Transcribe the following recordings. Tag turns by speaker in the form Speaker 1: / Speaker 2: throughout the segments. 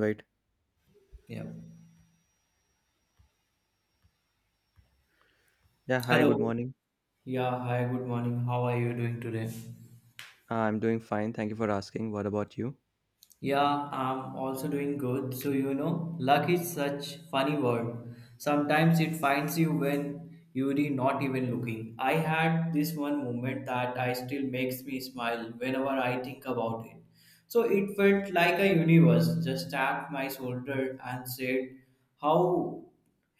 Speaker 1: Right.
Speaker 2: Yeah.
Speaker 1: Yeah. Hi. Good
Speaker 2: Hello.
Speaker 1: morning.
Speaker 2: Yeah, hi, good morning. How are you doing today?
Speaker 1: I'm doing fine. Thank you for asking. What about you?
Speaker 2: Yeah, I'm also doing good. So, luck is such funny word. Sometimes it finds you when you're not even looking. I had this one moment that I still makes me smile whenever I think about it. So it felt like a universe just tapped my shoulder and said, "How?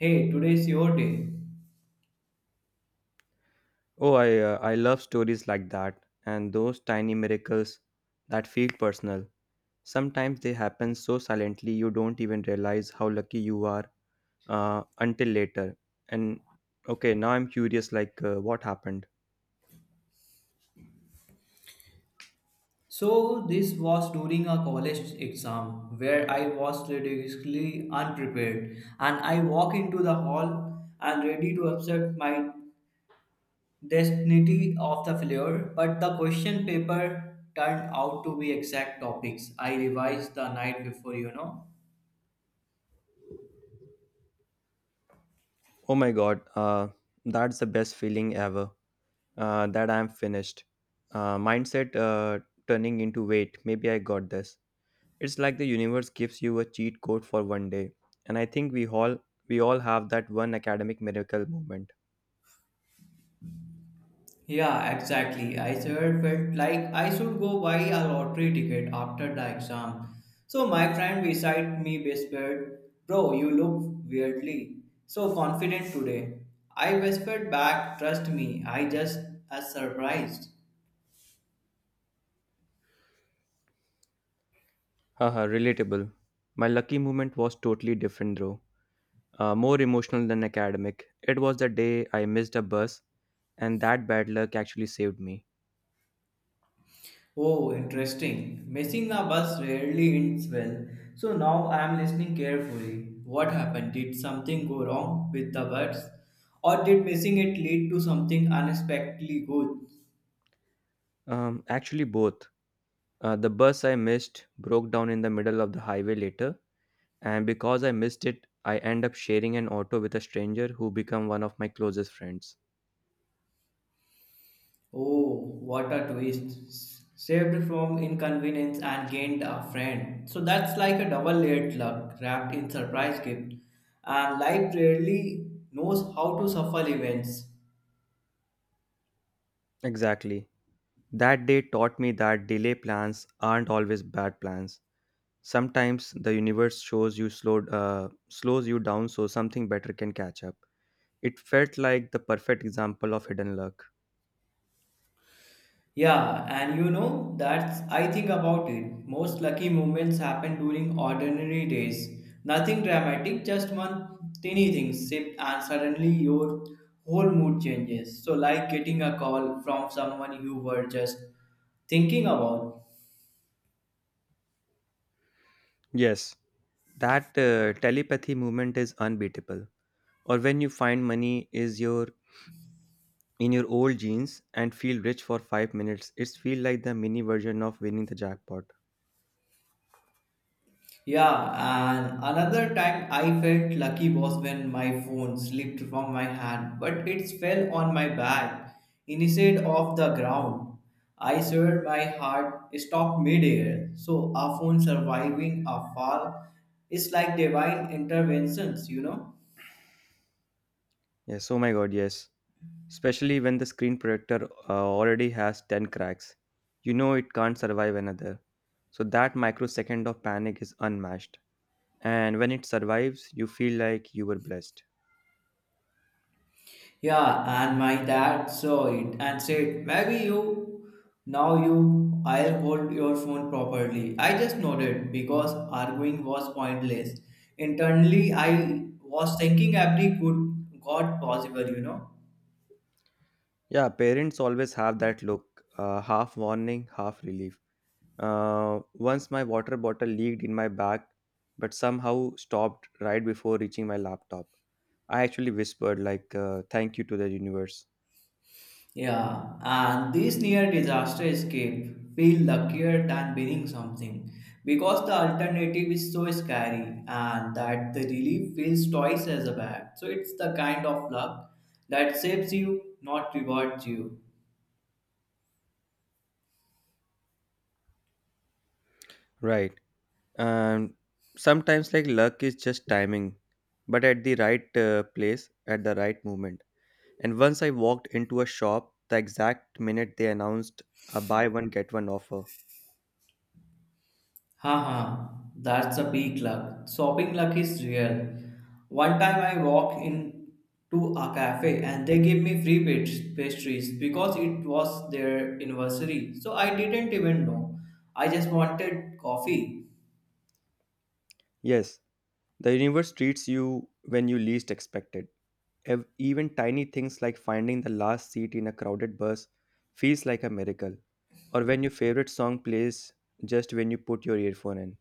Speaker 2: Hey, today's your day."
Speaker 1: Oh, I love stories like that and those tiny miracles that feel personal. Sometimes they happen so silently you don't even realize how lucky you are until later. And Okay, now I'm curious. What happened?
Speaker 2: So this was during a college exam where I was ridiculously unprepared and I walk into the hall and ready to accept my destiny of the failure but the question paper turned out to be exact topics I revised the night before.
Speaker 1: Oh my God. That's the best feeling ever. That I'm finished. Mindset turning into wait. Maybe I got this. It's like the universe gives you a cheat code for one day. And I think we all have that one academic miracle moment.
Speaker 2: Yeah, exactly. I sure felt like I should go buy a lottery ticket after the exam. So my friend beside me whispered, "Bro, you look weirdly so confident today." I whispered back, "Trust me, I just as surprised."
Speaker 1: Haha, relatable. My lucky moment was totally different though. More emotional than academic. It was the day I missed a bus and that bad luck actually saved me.
Speaker 2: Oh, interesting. Missing the bus rarely ends well. So now I am listening carefully. What happened? Did something go wrong with the bus? Or did missing it lead to something unexpectedly good?
Speaker 1: Actually, both. The bus I missed broke down in the middle of the highway later, and because I missed it, I end up sharing an auto with a stranger who become one of my closest friends.
Speaker 2: Oh, what a twist. Saved from inconvenience and gained a friend. So that's like a double layered luck wrapped in surprise gift. And life rarely knows how to shuffle events.
Speaker 1: Exactly. That day taught me that delay plans aren't always bad plans. Sometimes the universe slows you down so something better can catch up. It felt like the perfect example of hidden luck.
Speaker 2: Yeah, and that's I think about it. Most lucky moments happen during ordinary days. Nothing dramatic, just one tiny thing shift and suddenly your whole mood changes. So like getting a call from someone you were just thinking about.
Speaker 1: Yes, that telepathy movement is unbeatable. Or when you find money is your in your old jeans and feel rich for 5 minutes, it's feel like the mini version of winning the jackpot.
Speaker 2: Yeah, and another time I felt lucky was when my phone slipped from my hand, but it fell on my back instead of the ground. I swear my heart stopped midair. So a phone surviving a fall is like divine interventions.
Speaker 1: Yes, oh my god, yes, especially when the screen protector already has 10 cracks. You know it can't survive another. So that microsecond of panic is unmatched. And when it survives, you feel like you were blessed.
Speaker 2: Yeah, and my dad saw it and said, "Maybe you, now you, I'll hold your phone properly." I just nodded because arguing was pointless. Internally, I was thinking every good God possible.
Speaker 1: Yeah, parents always have that look, half warning, half relief. Once my water bottle leaked in my bag, but somehow stopped right before reaching my laptop. I actually whispered, thank you to the universe.
Speaker 2: Yeah, and this near disaster escape feel luckier than winning something because the alternative is so scary and that the relief feels twice as bad. So it's the kind of luck that saves you, not rewards you.
Speaker 1: Right. And sometimes like luck is just timing, but at the right place at the right moment. And once I walked into a shop the exact minute they announced a buy one get one offer.
Speaker 2: Haha, that's a big luck. Shopping luck is real. One time I walked into a cafe and they gave me free pastries because it was their anniversary. So I didn't even know. I just wanted coffee.
Speaker 1: Yes, the universe treats you when you least expect it. Even tiny things like finding the last seat in a crowded bus feels like a miracle, or when your favorite song plays just when you put your earphone in.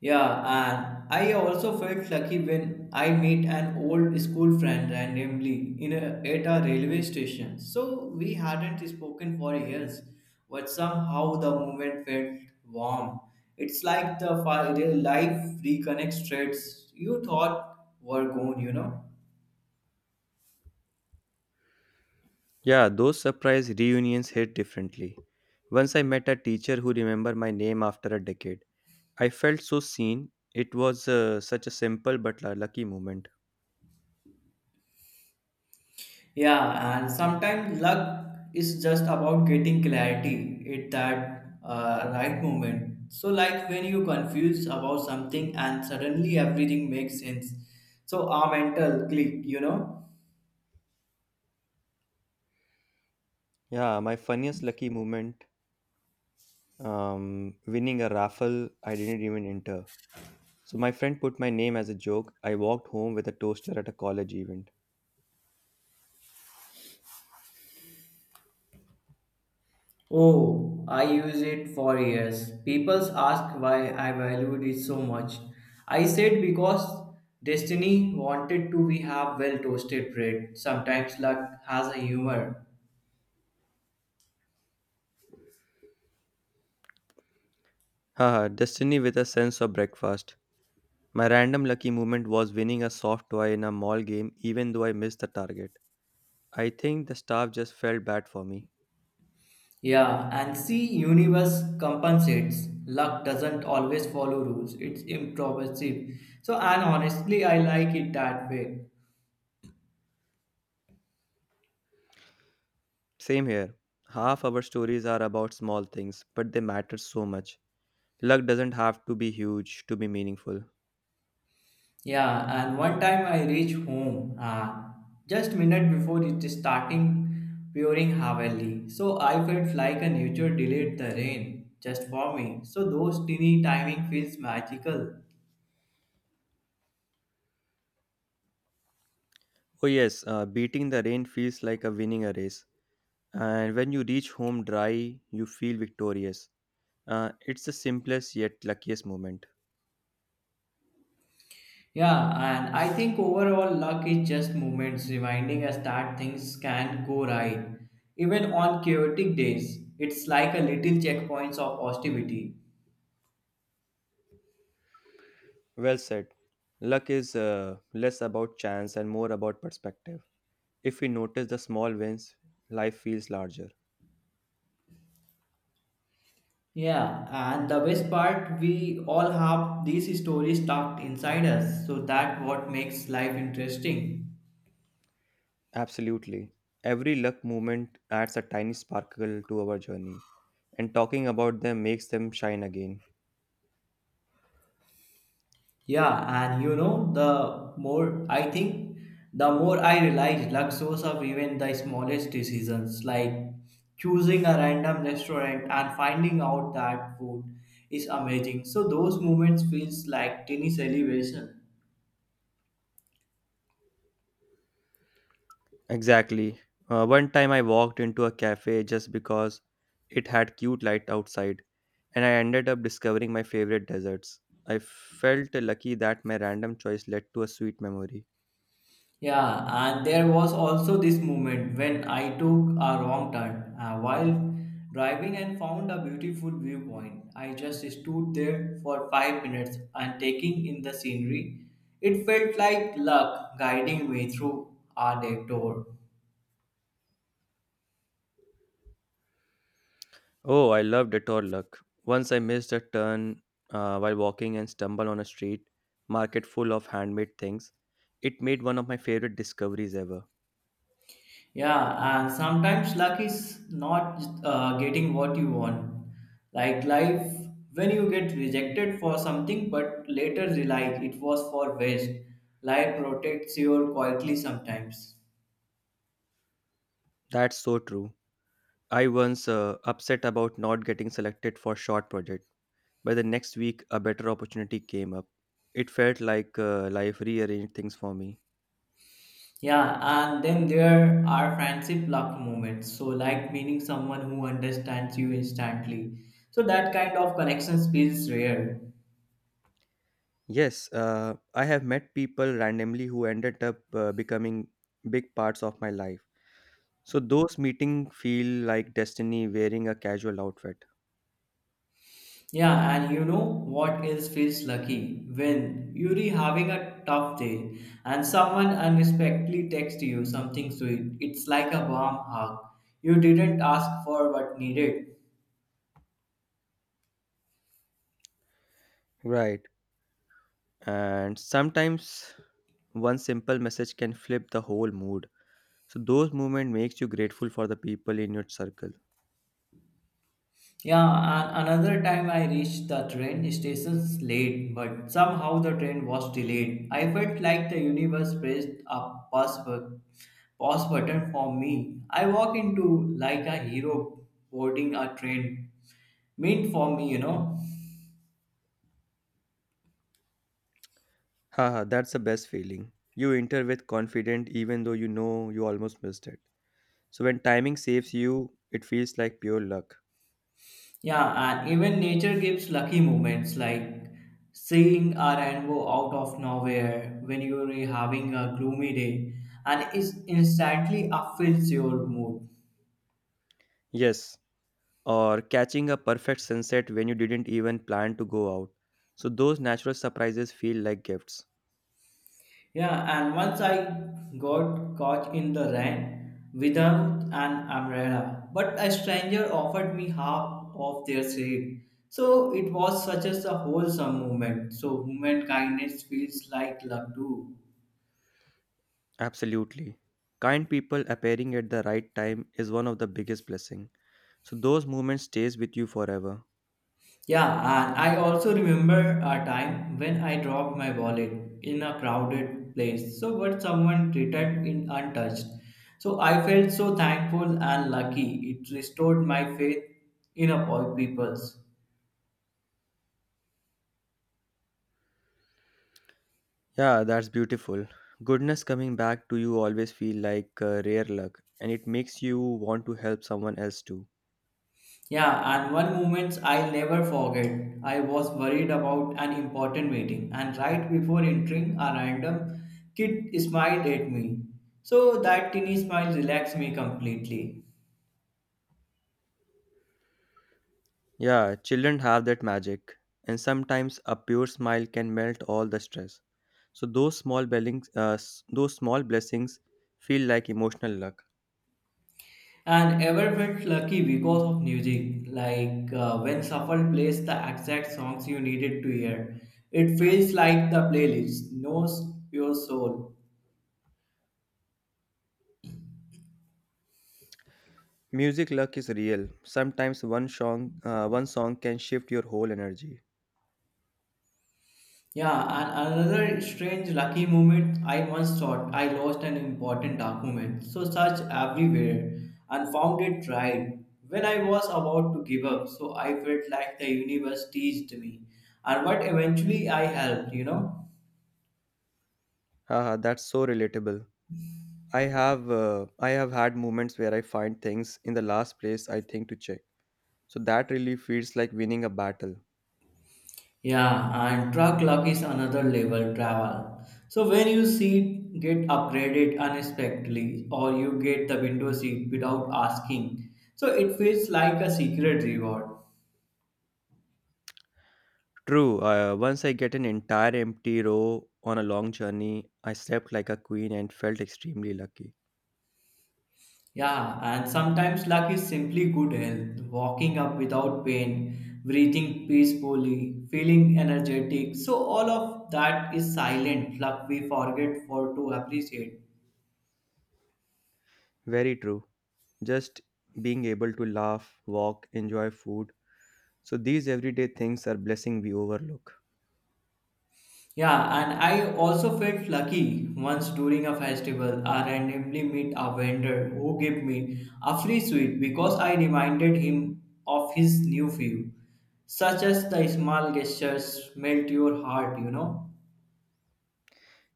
Speaker 2: Yeah, and I also felt lucky when I met an old school friend randomly at a railway station. So we hadn't spoken for years, but somehow the moment felt warm. It's like the real life reconnects threads you thought were gone.
Speaker 1: Yeah, those surprise reunions hit differently. Once I met a teacher who remembered my name after a decade. I felt so seen. It was such a simple but a lucky moment.
Speaker 2: Yeah, and sometimes luck is just about getting clarity at that right moment. So, like when you confuse about something and suddenly everything makes sense. So, our mental click.
Speaker 1: Yeah, my funniest lucky moment, winning a raffle I didn't even enter. So my friend put my name as a joke. I walked home with a toaster at a college event.
Speaker 2: Oh, I use it for years. People ask why I valued it so much. I said because destiny wanted to we have well toasted bread. Sometimes luck has a humor.
Speaker 1: Haha, destiny with a sense of breakfast. My random lucky moment was winning a soft toy in a mall game even though I missed the target. I think the staff just felt bad for me.
Speaker 2: Yeah, and see, universe compensates. Luck doesn't always follow rules. It's improbable. So, and honestly, I like it that way.
Speaker 1: Same here. Half our stories are about small things, but they matter so much. Luck doesn't have to be huge to be meaningful.
Speaker 2: Yeah, and one time I reach home, just minute before it starting pouring heavily. So I felt like a nature delayed the rain just for me. So those teeny timing feels magical.
Speaker 1: Oh, yes, beating the rain feels like a winning a race. And when you reach home dry, you feel victorious. It's the simplest yet luckiest moment.
Speaker 2: Yeah, and I think overall luck is just moments reminding us that things can go right. Even on chaotic days, it's like a little checkpoints of positivity.
Speaker 1: Well said. Luck is less about chance and more about perspective. If we notice the small wins, life feels larger.
Speaker 2: Yeah, and the best part, we all have these stories tucked inside us, so that what makes life interesting.
Speaker 1: Absolutely. Every luck moment adds a tiny sparkle to our journey, and talking about them makes them shine again.
Speaker 2: Yeah, and the more I think, the more I realize luck shows up even the smallest decisions, like choosing a random restaurant and finding out that food is amazing. So those moments feels like tiny celebration.
Speaker 1: Exactly. One time I walked into a cafe just because it had cute light outside, and I ended up discovering my favorite desserts. I felt lucky that my random choice led to a sweet memory.
Speaker 2: Yeah, and there was also this moment when I took a wrong turn while driving and found a beautiful viewpoint. I just stood there for 5 minutes and taking in the scenery. It felt like luck guiding me through a detour.
Speaker 1: Oh, I love detour luck. Once I missed a turn while walking and stumbled on a street market full of handmade things. It made one of my favorite discoveries ever.
Speaker 2: Yeah, and sometimes luck is not getting what you want. Like life, when you get rejected for something but later realize it was for waste, life protects you quietly sometimes.
Speaker 1: That's so true. I once upset about not getting selected for short project, but the next week a better opportunity came up. It felt like life rearranged things for me.
Speaker 2: Yeah, and then there are friendship luck moments. So, like meeting someone who understands you instantly. So, that kind of connections feels rare.
Speaker 1: Yes, I have met people randomly who ended up becoming big parts of my life. So those meetings feel like destiny wearing a casual outfit.
Speaker 2: Yeah, and you know what else feels lucky? When you're having a tough day and someone unexpectedly texts you something sweet. It's like a warm hug. You didn't ask for but needed.
Speaker 1: Right. And sometimes one simple message can flip the whole mood. So those moments makes you grateful for the people in your circle.
Speaker 2: Yeah, and another time I reached the train station late, but somehow the train was delayed. I felt like the universe pressed a pause button for me. I walk into like a hero boarding a train meant for me.
Speaker 1: Haha, that's the best feeling. You enter with confident even though you know you almost missed it. So when timing saves you, it feels like pure luck.
Speaker 2: Yeah, and even nature gives lucky moments like seeing a rainbow out of nowhere when you're having a gloomy day and it instantly upfills your mood.
Speaker 1: Yes. Or catching a perfect sunset when you didn't even plan to go out. So those natural surprises feel like gifts.
Speaker 2: Yeah, and once I got caught in the rain without an umbrella, but a stranger offered me half of their shade. So it was such as a wholesome moment. So human kindness feels like luck too.
Speaker 1: Absolutely. Kind people appearing at the right time is one of the biggest blessing. So those moments stays with you forever.
Speaker 2: Yeah, and I also remember a time when I dropped my wallet in a crowded place. So, but someone returned it untouched. So, I felt so thankful and lucky. It restored my faith in a poor people's.
Speaker 1: Yeah, that's beautiful. Goodness coming back to you always feel like rare luck, and it makes you want to help someone else too.
Speaker 2: Yeah, and one moment I'll never forget. I was worried about an important meeting, and right before entering, a random kid smiled at me. So that tiny smile relaxed me completely.
Speaker 1: Yeah, children have that magic, and sometimes a pure smile can melt all the stress. So those small blessings feel like emotional luck.
Speaker 2: And ever felt lucky because of music like when shuffle plays the exact songs you needed to hear. It feels like the playlist knows your soul.
Speaker 1: Music luck is real. Sometimes one song can shift your whole energy.
Speaker 2: Yeah, and another strange lucky moment, I once thought I lost an important document so searched everywhere and found it right when I was about to give up. So I felt like the universe teased me and what eventually I helped.
Speaker 1: Haha, that's so relatable. I have had moments where I find things in the last place I think to check. So that really feels like winning a battle.
Speaker 2: Yeah, and truck luck is another level travel. So when you seat get upgraded unexpectedly or you get the window seat without asking, so it feels like a secret reward.
Speaker 1: True. Once I get an entire empty row on a long journey, I slept like a queen and felt extremely lucky.
Speaker 2: Yeah, and sometimes luck is simply good health, walking up without pain, breathing peacefully, feeling energetic. So all of that is silent luck we forget for to appreciate.
Speaker 1: Very true. Just being able to laugh, walk, enjoy food. So these everyday things are blessing we overlook.
Speaker 2: Yeah, and I also felt lucky once during a festival. I randomly met a vendor who gave me a free sweet because I reminded him of his new view, such as the small gestures melt your heart.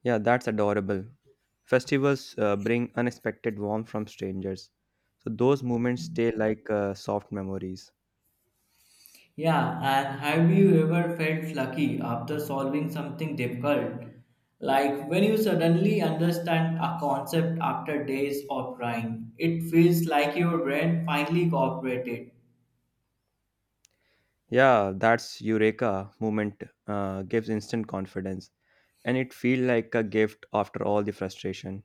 Speaker 1: Yeah, that's adorable. Festivals bring unexpected warmth from strangers. So those moments stay like soft memories.
Speaker 2: Yeah, and have you ever felt lucky after solving something difficult? Like when you suddenly understand a concept after days of trying, it feels like your brain finally cooperated.
Speaker 1: Yeah, that's Eureka moment gives instant confidence, and it feel like a gift after all the frustration.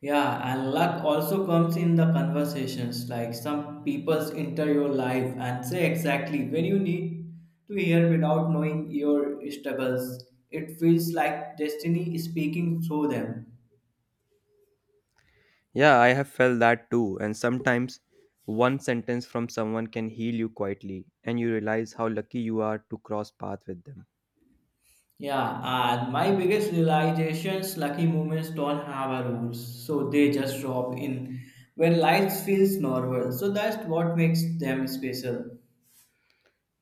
Speaker 2: Yeah, and luck also comes in the conversations. Like some people's enter your life and say exactly when you need to hear without knowing your struggles. It feels like destiny is speaking through them.
Speaker 1: Yeah, I have felt that too. And sometimes one sentence from someone can heal you quietly and you realize how lucky you are to cross path with them.
Speaker 2: Yeah, and my biggest realizations lucky moments don't have a rules, so they just drop in when life feels normal. So that's what makes them special.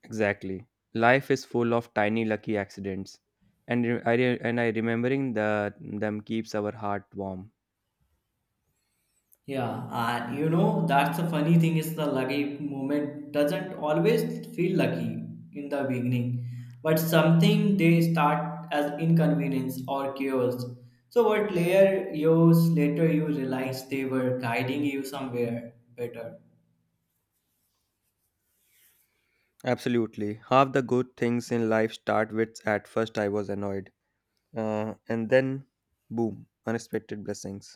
Speaker 1: Exactly. Life is full of tiny lucky accidents, and I remembering the, them keeps our heart warm.
Speaker 2: Yeah, and that's the funny thing is the lucky moment doesn't always feel lucky in the beginning, but something they start as inconvenience or chaos. So, what layer years later you realize they were guiding you somewhere better.
Speaker 1: Absolutely. Half the good things in life start with at first I was annoyed, and then boom, unexpected blessings.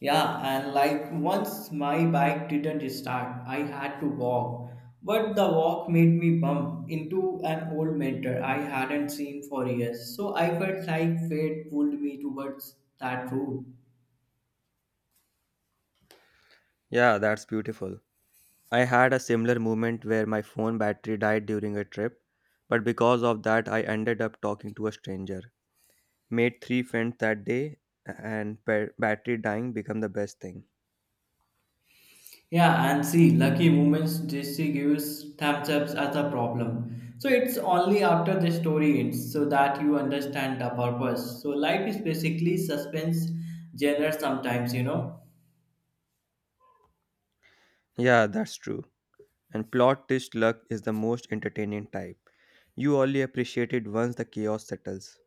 Speaker 2: Yeah, and like once my bike didn't start, I had to walk. But the walk made me bump into an old mentor I hadn't seen for years. So I felt like fate pulled me towards that route.
Speaker 1: Yeah, that's beautiful. I had a similar moment where my phone battery died during a trip, but because of that, I ended up talking to a stranger. Made 3 friends that day, and battery dying become the best thing.
Speaker 2: Yeah, and see, lucky moments JC gives thumbs ups as a problem. So it's only after the story ends so that you understand the purpose. So life is basically suspense genre sometimes.
Speaker 1: Yeah, that's true. And plot twist luck is the most entertaining type. You only appreciate it once the chaos settles.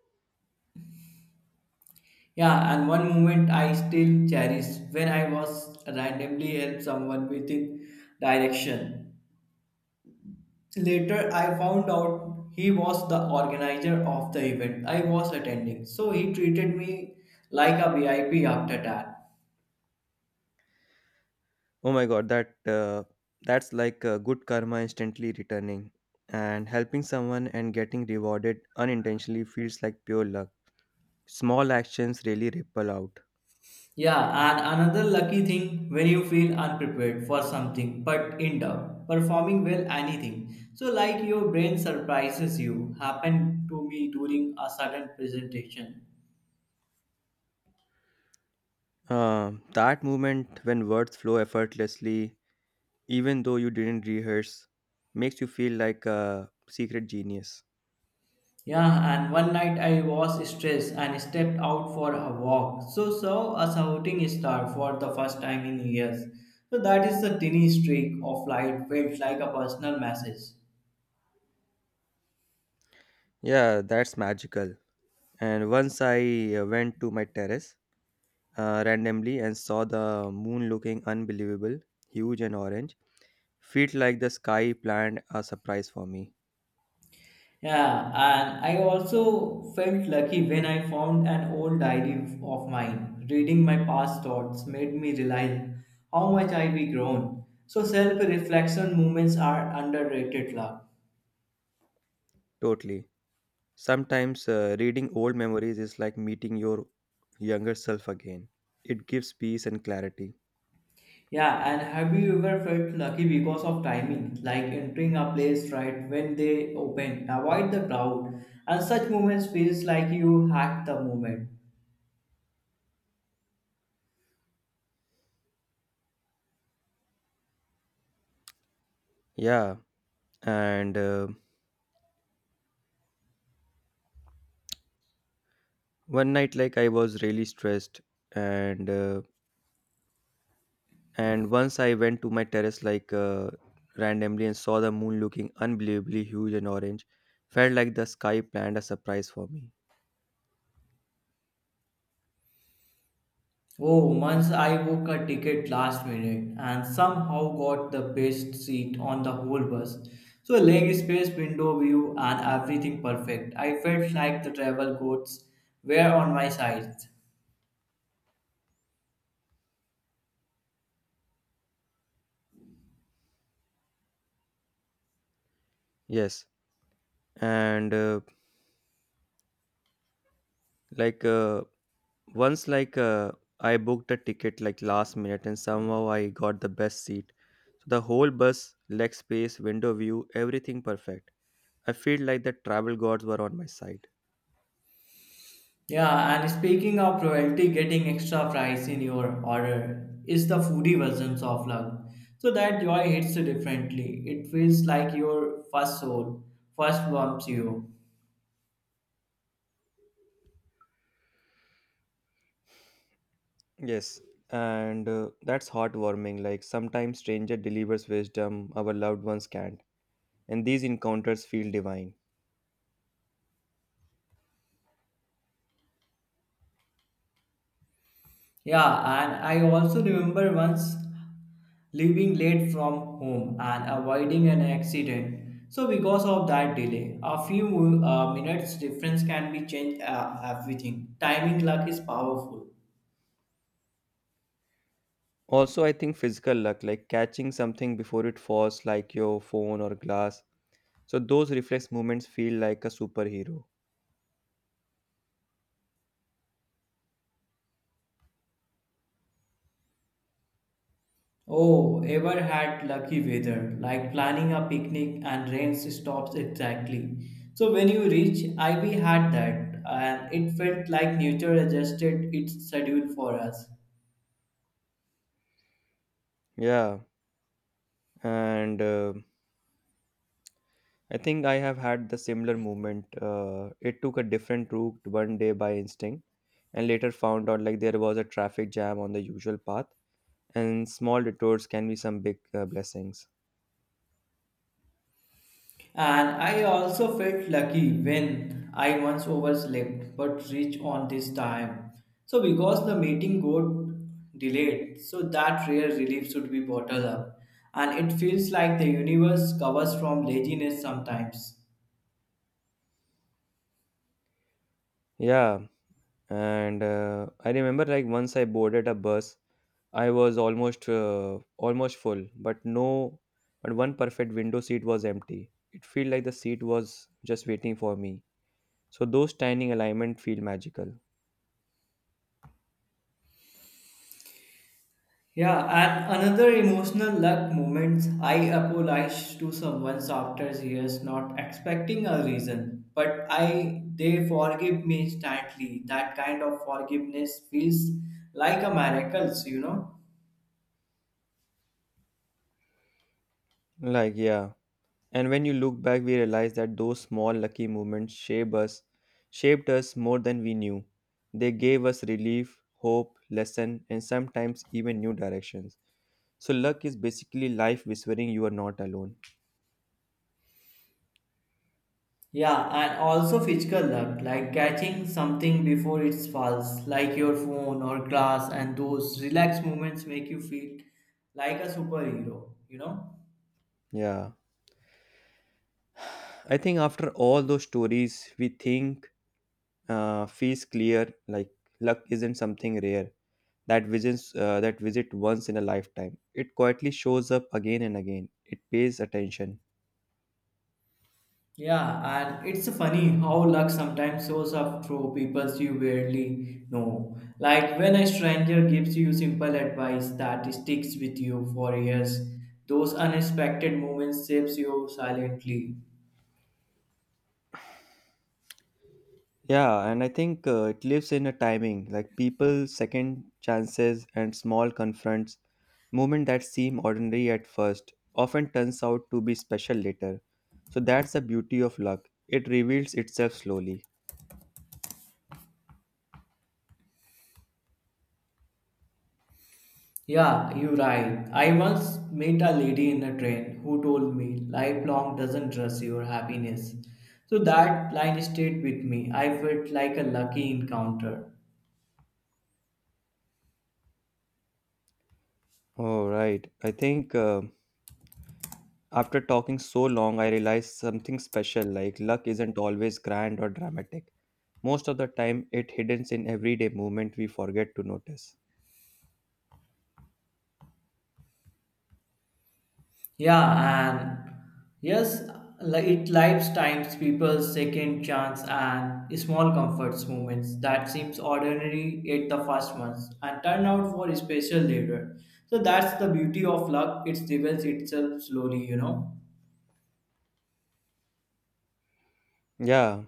Speaker 2: Yeah, and one moment I still cherish when I was randomly helped someone without direction. Later, I found out he was the organizer of the event I was attending, so he treated me like a VIP after that.
Speaker 1: Oh my god, that's like good karma instantly returning, and helping someone and getting rewarded unintentionally feels like pure luck. Small actions really ripple out.
Speaker 2: Yeah, and another lucky thing when you feel unprepared for something but end up performing well anything. So like your brain surprises you happened to me during a sudden presentation.
Speaker 1: That moment when words flow effortlessly, even though you didn't rehearse, makes you feel like a secret genius.
Speaker 2: Yeah, and one night I was stressed and stepped out for a walk. So saw a shooting star for the first time in years. So that is the tiny streak of light felt like a personal message.
Speaker 1: Yeah, that's magical. And once I went to my terrace randomly and saw the moon looking unbelievable, huge and orange. Felt like the sky planned a surprise for me.
Speaker 2: Yeah, and I also felt lucky when I found an old diary of mine. Reading my past thoughts made me realize how much I've grown. So self-reflection moments are underrated luck.
Speaker 1: Totally. Sometimes reading old memories is like meeting your younger self again. It gives peace and clarity.
Speaker 2: Yeah, and have you ever felt lucky because of timing, like entering a place right when they open, avoid the crowd, and such moments feels like you hacked the moment.
Speaker 1: Yeah, and one night like I was really stressed and uh, and once I went to my terrace randomly and saw the moon looking unbelievably huge and orange. Felt like the sky planned a surprise for me.
Speaker 2: Oh, once I booked a ticket last minute and somehow got the best seat on the whole bus. So leg space, window view, and everything perfect. I felt like the travel gods were on my side.
Speaker 1: Yes, and like once I booked a ticket like last minute and somehow I got the best seat, so the whole bus, leg space, window view, everything perfect. I feel like the travel gods were on my side.
Speaker 2: Yeah, and speaking of royalty, getting extra fries in your order is the foodie versions of love. So that joy hits differently. It feels like your first soul first warms you.
Speaker 1: Yes, and that's heartwarming, like sometimes stranger delivers wisdom our loved ones can't, and these encounters feel divine.
Speaker 2: Yeah, and I also remember once leaving late from home and avoiding an accident. So because of that delay, a few minutes difference can be changed everything. Timing luck is powerful.
Speaker 1: Also, I think physical luck, like catching something before it falls, like your phone or glass, so those reflex movements feel like a superhero.
Speaker 2: Oh, ever had lucky weather, like planning a picnic and rain stops exactly. So when you reach, Ivy had that and it felt like nature adjusted its schedule for us.
Speaker 1: Yeah, and I think I have had the similar movement. It took a different route one day by instinct, and later found out like there was a traffic jam on the usual path, and small detours can be some big blessings.
Speaker 2: And I also felt lucky when I once overslept but reached on this time. So because the meeting got delayed, so that rare relief should be bottled up. And it feels like the universe covers from laziness sometimes.
Speaker 1: Yeah, and I remember like once I boarded a bus, I was almost full, but no, but one perfect window seat was empty. It felt like the seat was just waiting for me. So those tiny alignment feel magical.
Speaker 2: Yeah, and another emotional luck moment I apologized to someone after years, not expecting a reason, but I they forgive me instantly. That kind of forgiveness feels like a miracle, you know.
Speaker 1: Like, yeah. And when you look back, we realize that those small lucky moments shaped us more than we knew. They gave us relief, hope, lesson, and sometimes even new directions. So luck is basically life whispering you are not alone.
Speaker 2: Yeah, and also physical luck, like catching something before it falls, like your phone or glass, and those relaxed moments make you feel like a superhero, you know.
Speaker 1: Yeah. I think after all those stories, we think feels clear like luck isn't something rare that visit once in a lifetime. It quietly shows up again and again. It pays attention.
Speaker 2: Yeah, and it's funny how luck sometimes shows up through people you barely know. Like when a stranger gives you simple advice that sticks with you for years, those unexpected moments shapes you silently.
Speaker 1: Yeah, and I think it lives in a timing, like people second chances and small confronts, moment that seem ordinary at first, often turns out to be special later. So that's the beauty of luck. It reveals itself slowly.
Speaker 2: Yeah, you're right. I once met a lady in a train who told me lifelong doesn't trust your happiness. So that line stayed with me. I felt like a lucky encounter.
Speaker 1: Oh, right. I think after talking so long, I realized something special, like luck isn't always grand or dramatic. Most of the time, it hidden in everyday movement we forget to notice.
Speaker 2: Yeah, and yes, it lives times people's second chance and small comforts moments that seems ordinary at the first months and turn out for special later. So that's the beauty of luck. It reveals itself slowly, you know.
Speaker 1: Yeah,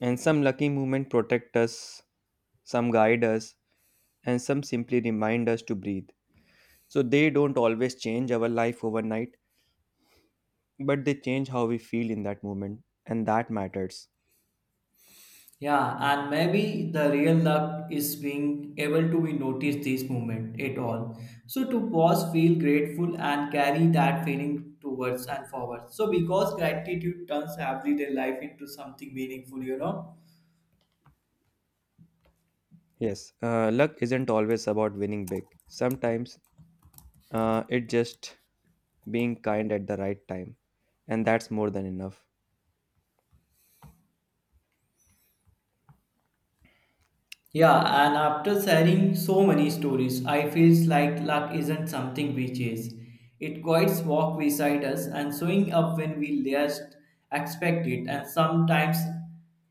Speaker 1: and some lucky movement protect us, some guide us, and some simply remind us to breathe. So they don't always change our life overnight, but they change how we feel in that moment, and that matters.
Speaker 2: Yeah, and maybe the real luck is being able to be notice this moment at all. So to pause, feel grateful, and carry that feeling towards and forward. So because gratitude turns everyday life into something meaningful, you know.
Speaker 1: Yes, luck isn't always about winning big. Sometimes it just being kind at the right time, and that's more than enough.
Speaker 2: Yeah, and after sharing so many stories, I feels like luck isn't something we chase. It quite walk beside us and showing up when we least expect it, and sometimes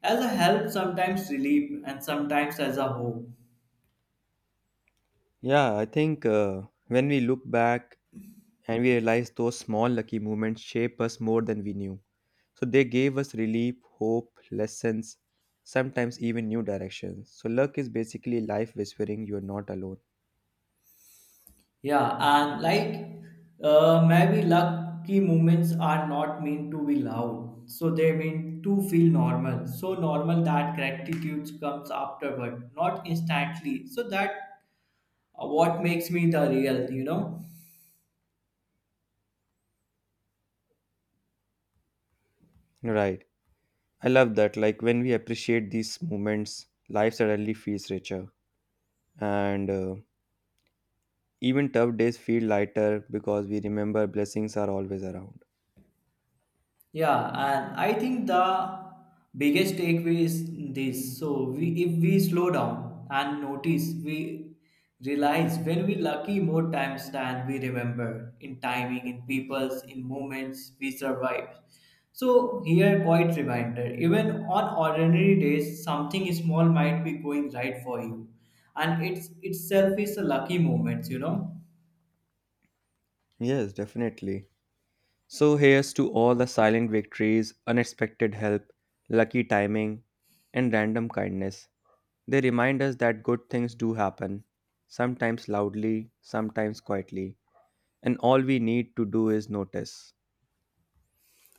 Speaker 2: as a help, sometimes relief, and sometimes as a hope.
Speaker 1: Yeah, I think when we look back and we realized those small lucky moments shape us more than we knew. So they gave us relief, hope, lessons, sometimes even new directions. So luck is basically life whispering you're not alone.
Speaker 2: Yeah, and like maybe lucky moments are not meant to be loud, so they mean to feel normal. So normal that gratitude comes afterward, not instantly. So that what makes me the real, you know.
Speaker 1: Right. I love that. Like when we appreciate these moments, life suddenly feels richer. And Even tough days feel lighter because we remember blessings are always around.
Speaker 2: Yeah, and I think the biggest takeaway is this. So we, if we slow down and notice, we realize when we lucky more times than we remember, in timing, in people's, in moments we survive. So here quite reminder, even on ordinary days, something small might be going right for you, and it's itself is a lucky moment, you know.
Speaker 1: Yes, definitely. So here's to all the silent victories, unexpected help, lucky timing, and random kindness. They remind us that good things do happen, sometimes loudly, sometimes quietly, and all we need to do is notice.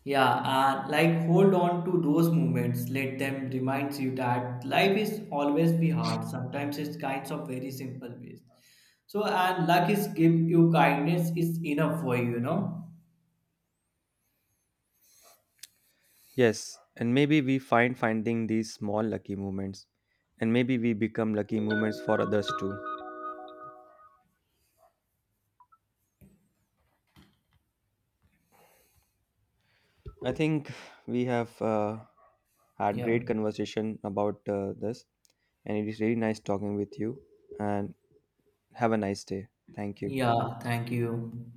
Speaker 2: Yeah, and like hold on to those moments. Let them remind you that life is always be hard. Sometimes it's kinds of very simple ways. So and luck is give you kindness is enough for you, you know?
Speaker 1: Yes, and maybe we find finding these small lucky moments, and maybe we become lucky moments for others too. I think we have had
Speaker 2: Yeah.
Speaker 1: great conversation about this, and it is really nice talking with you. And have a nice day. Thank you.
Speaker 2: Yeah, thank you.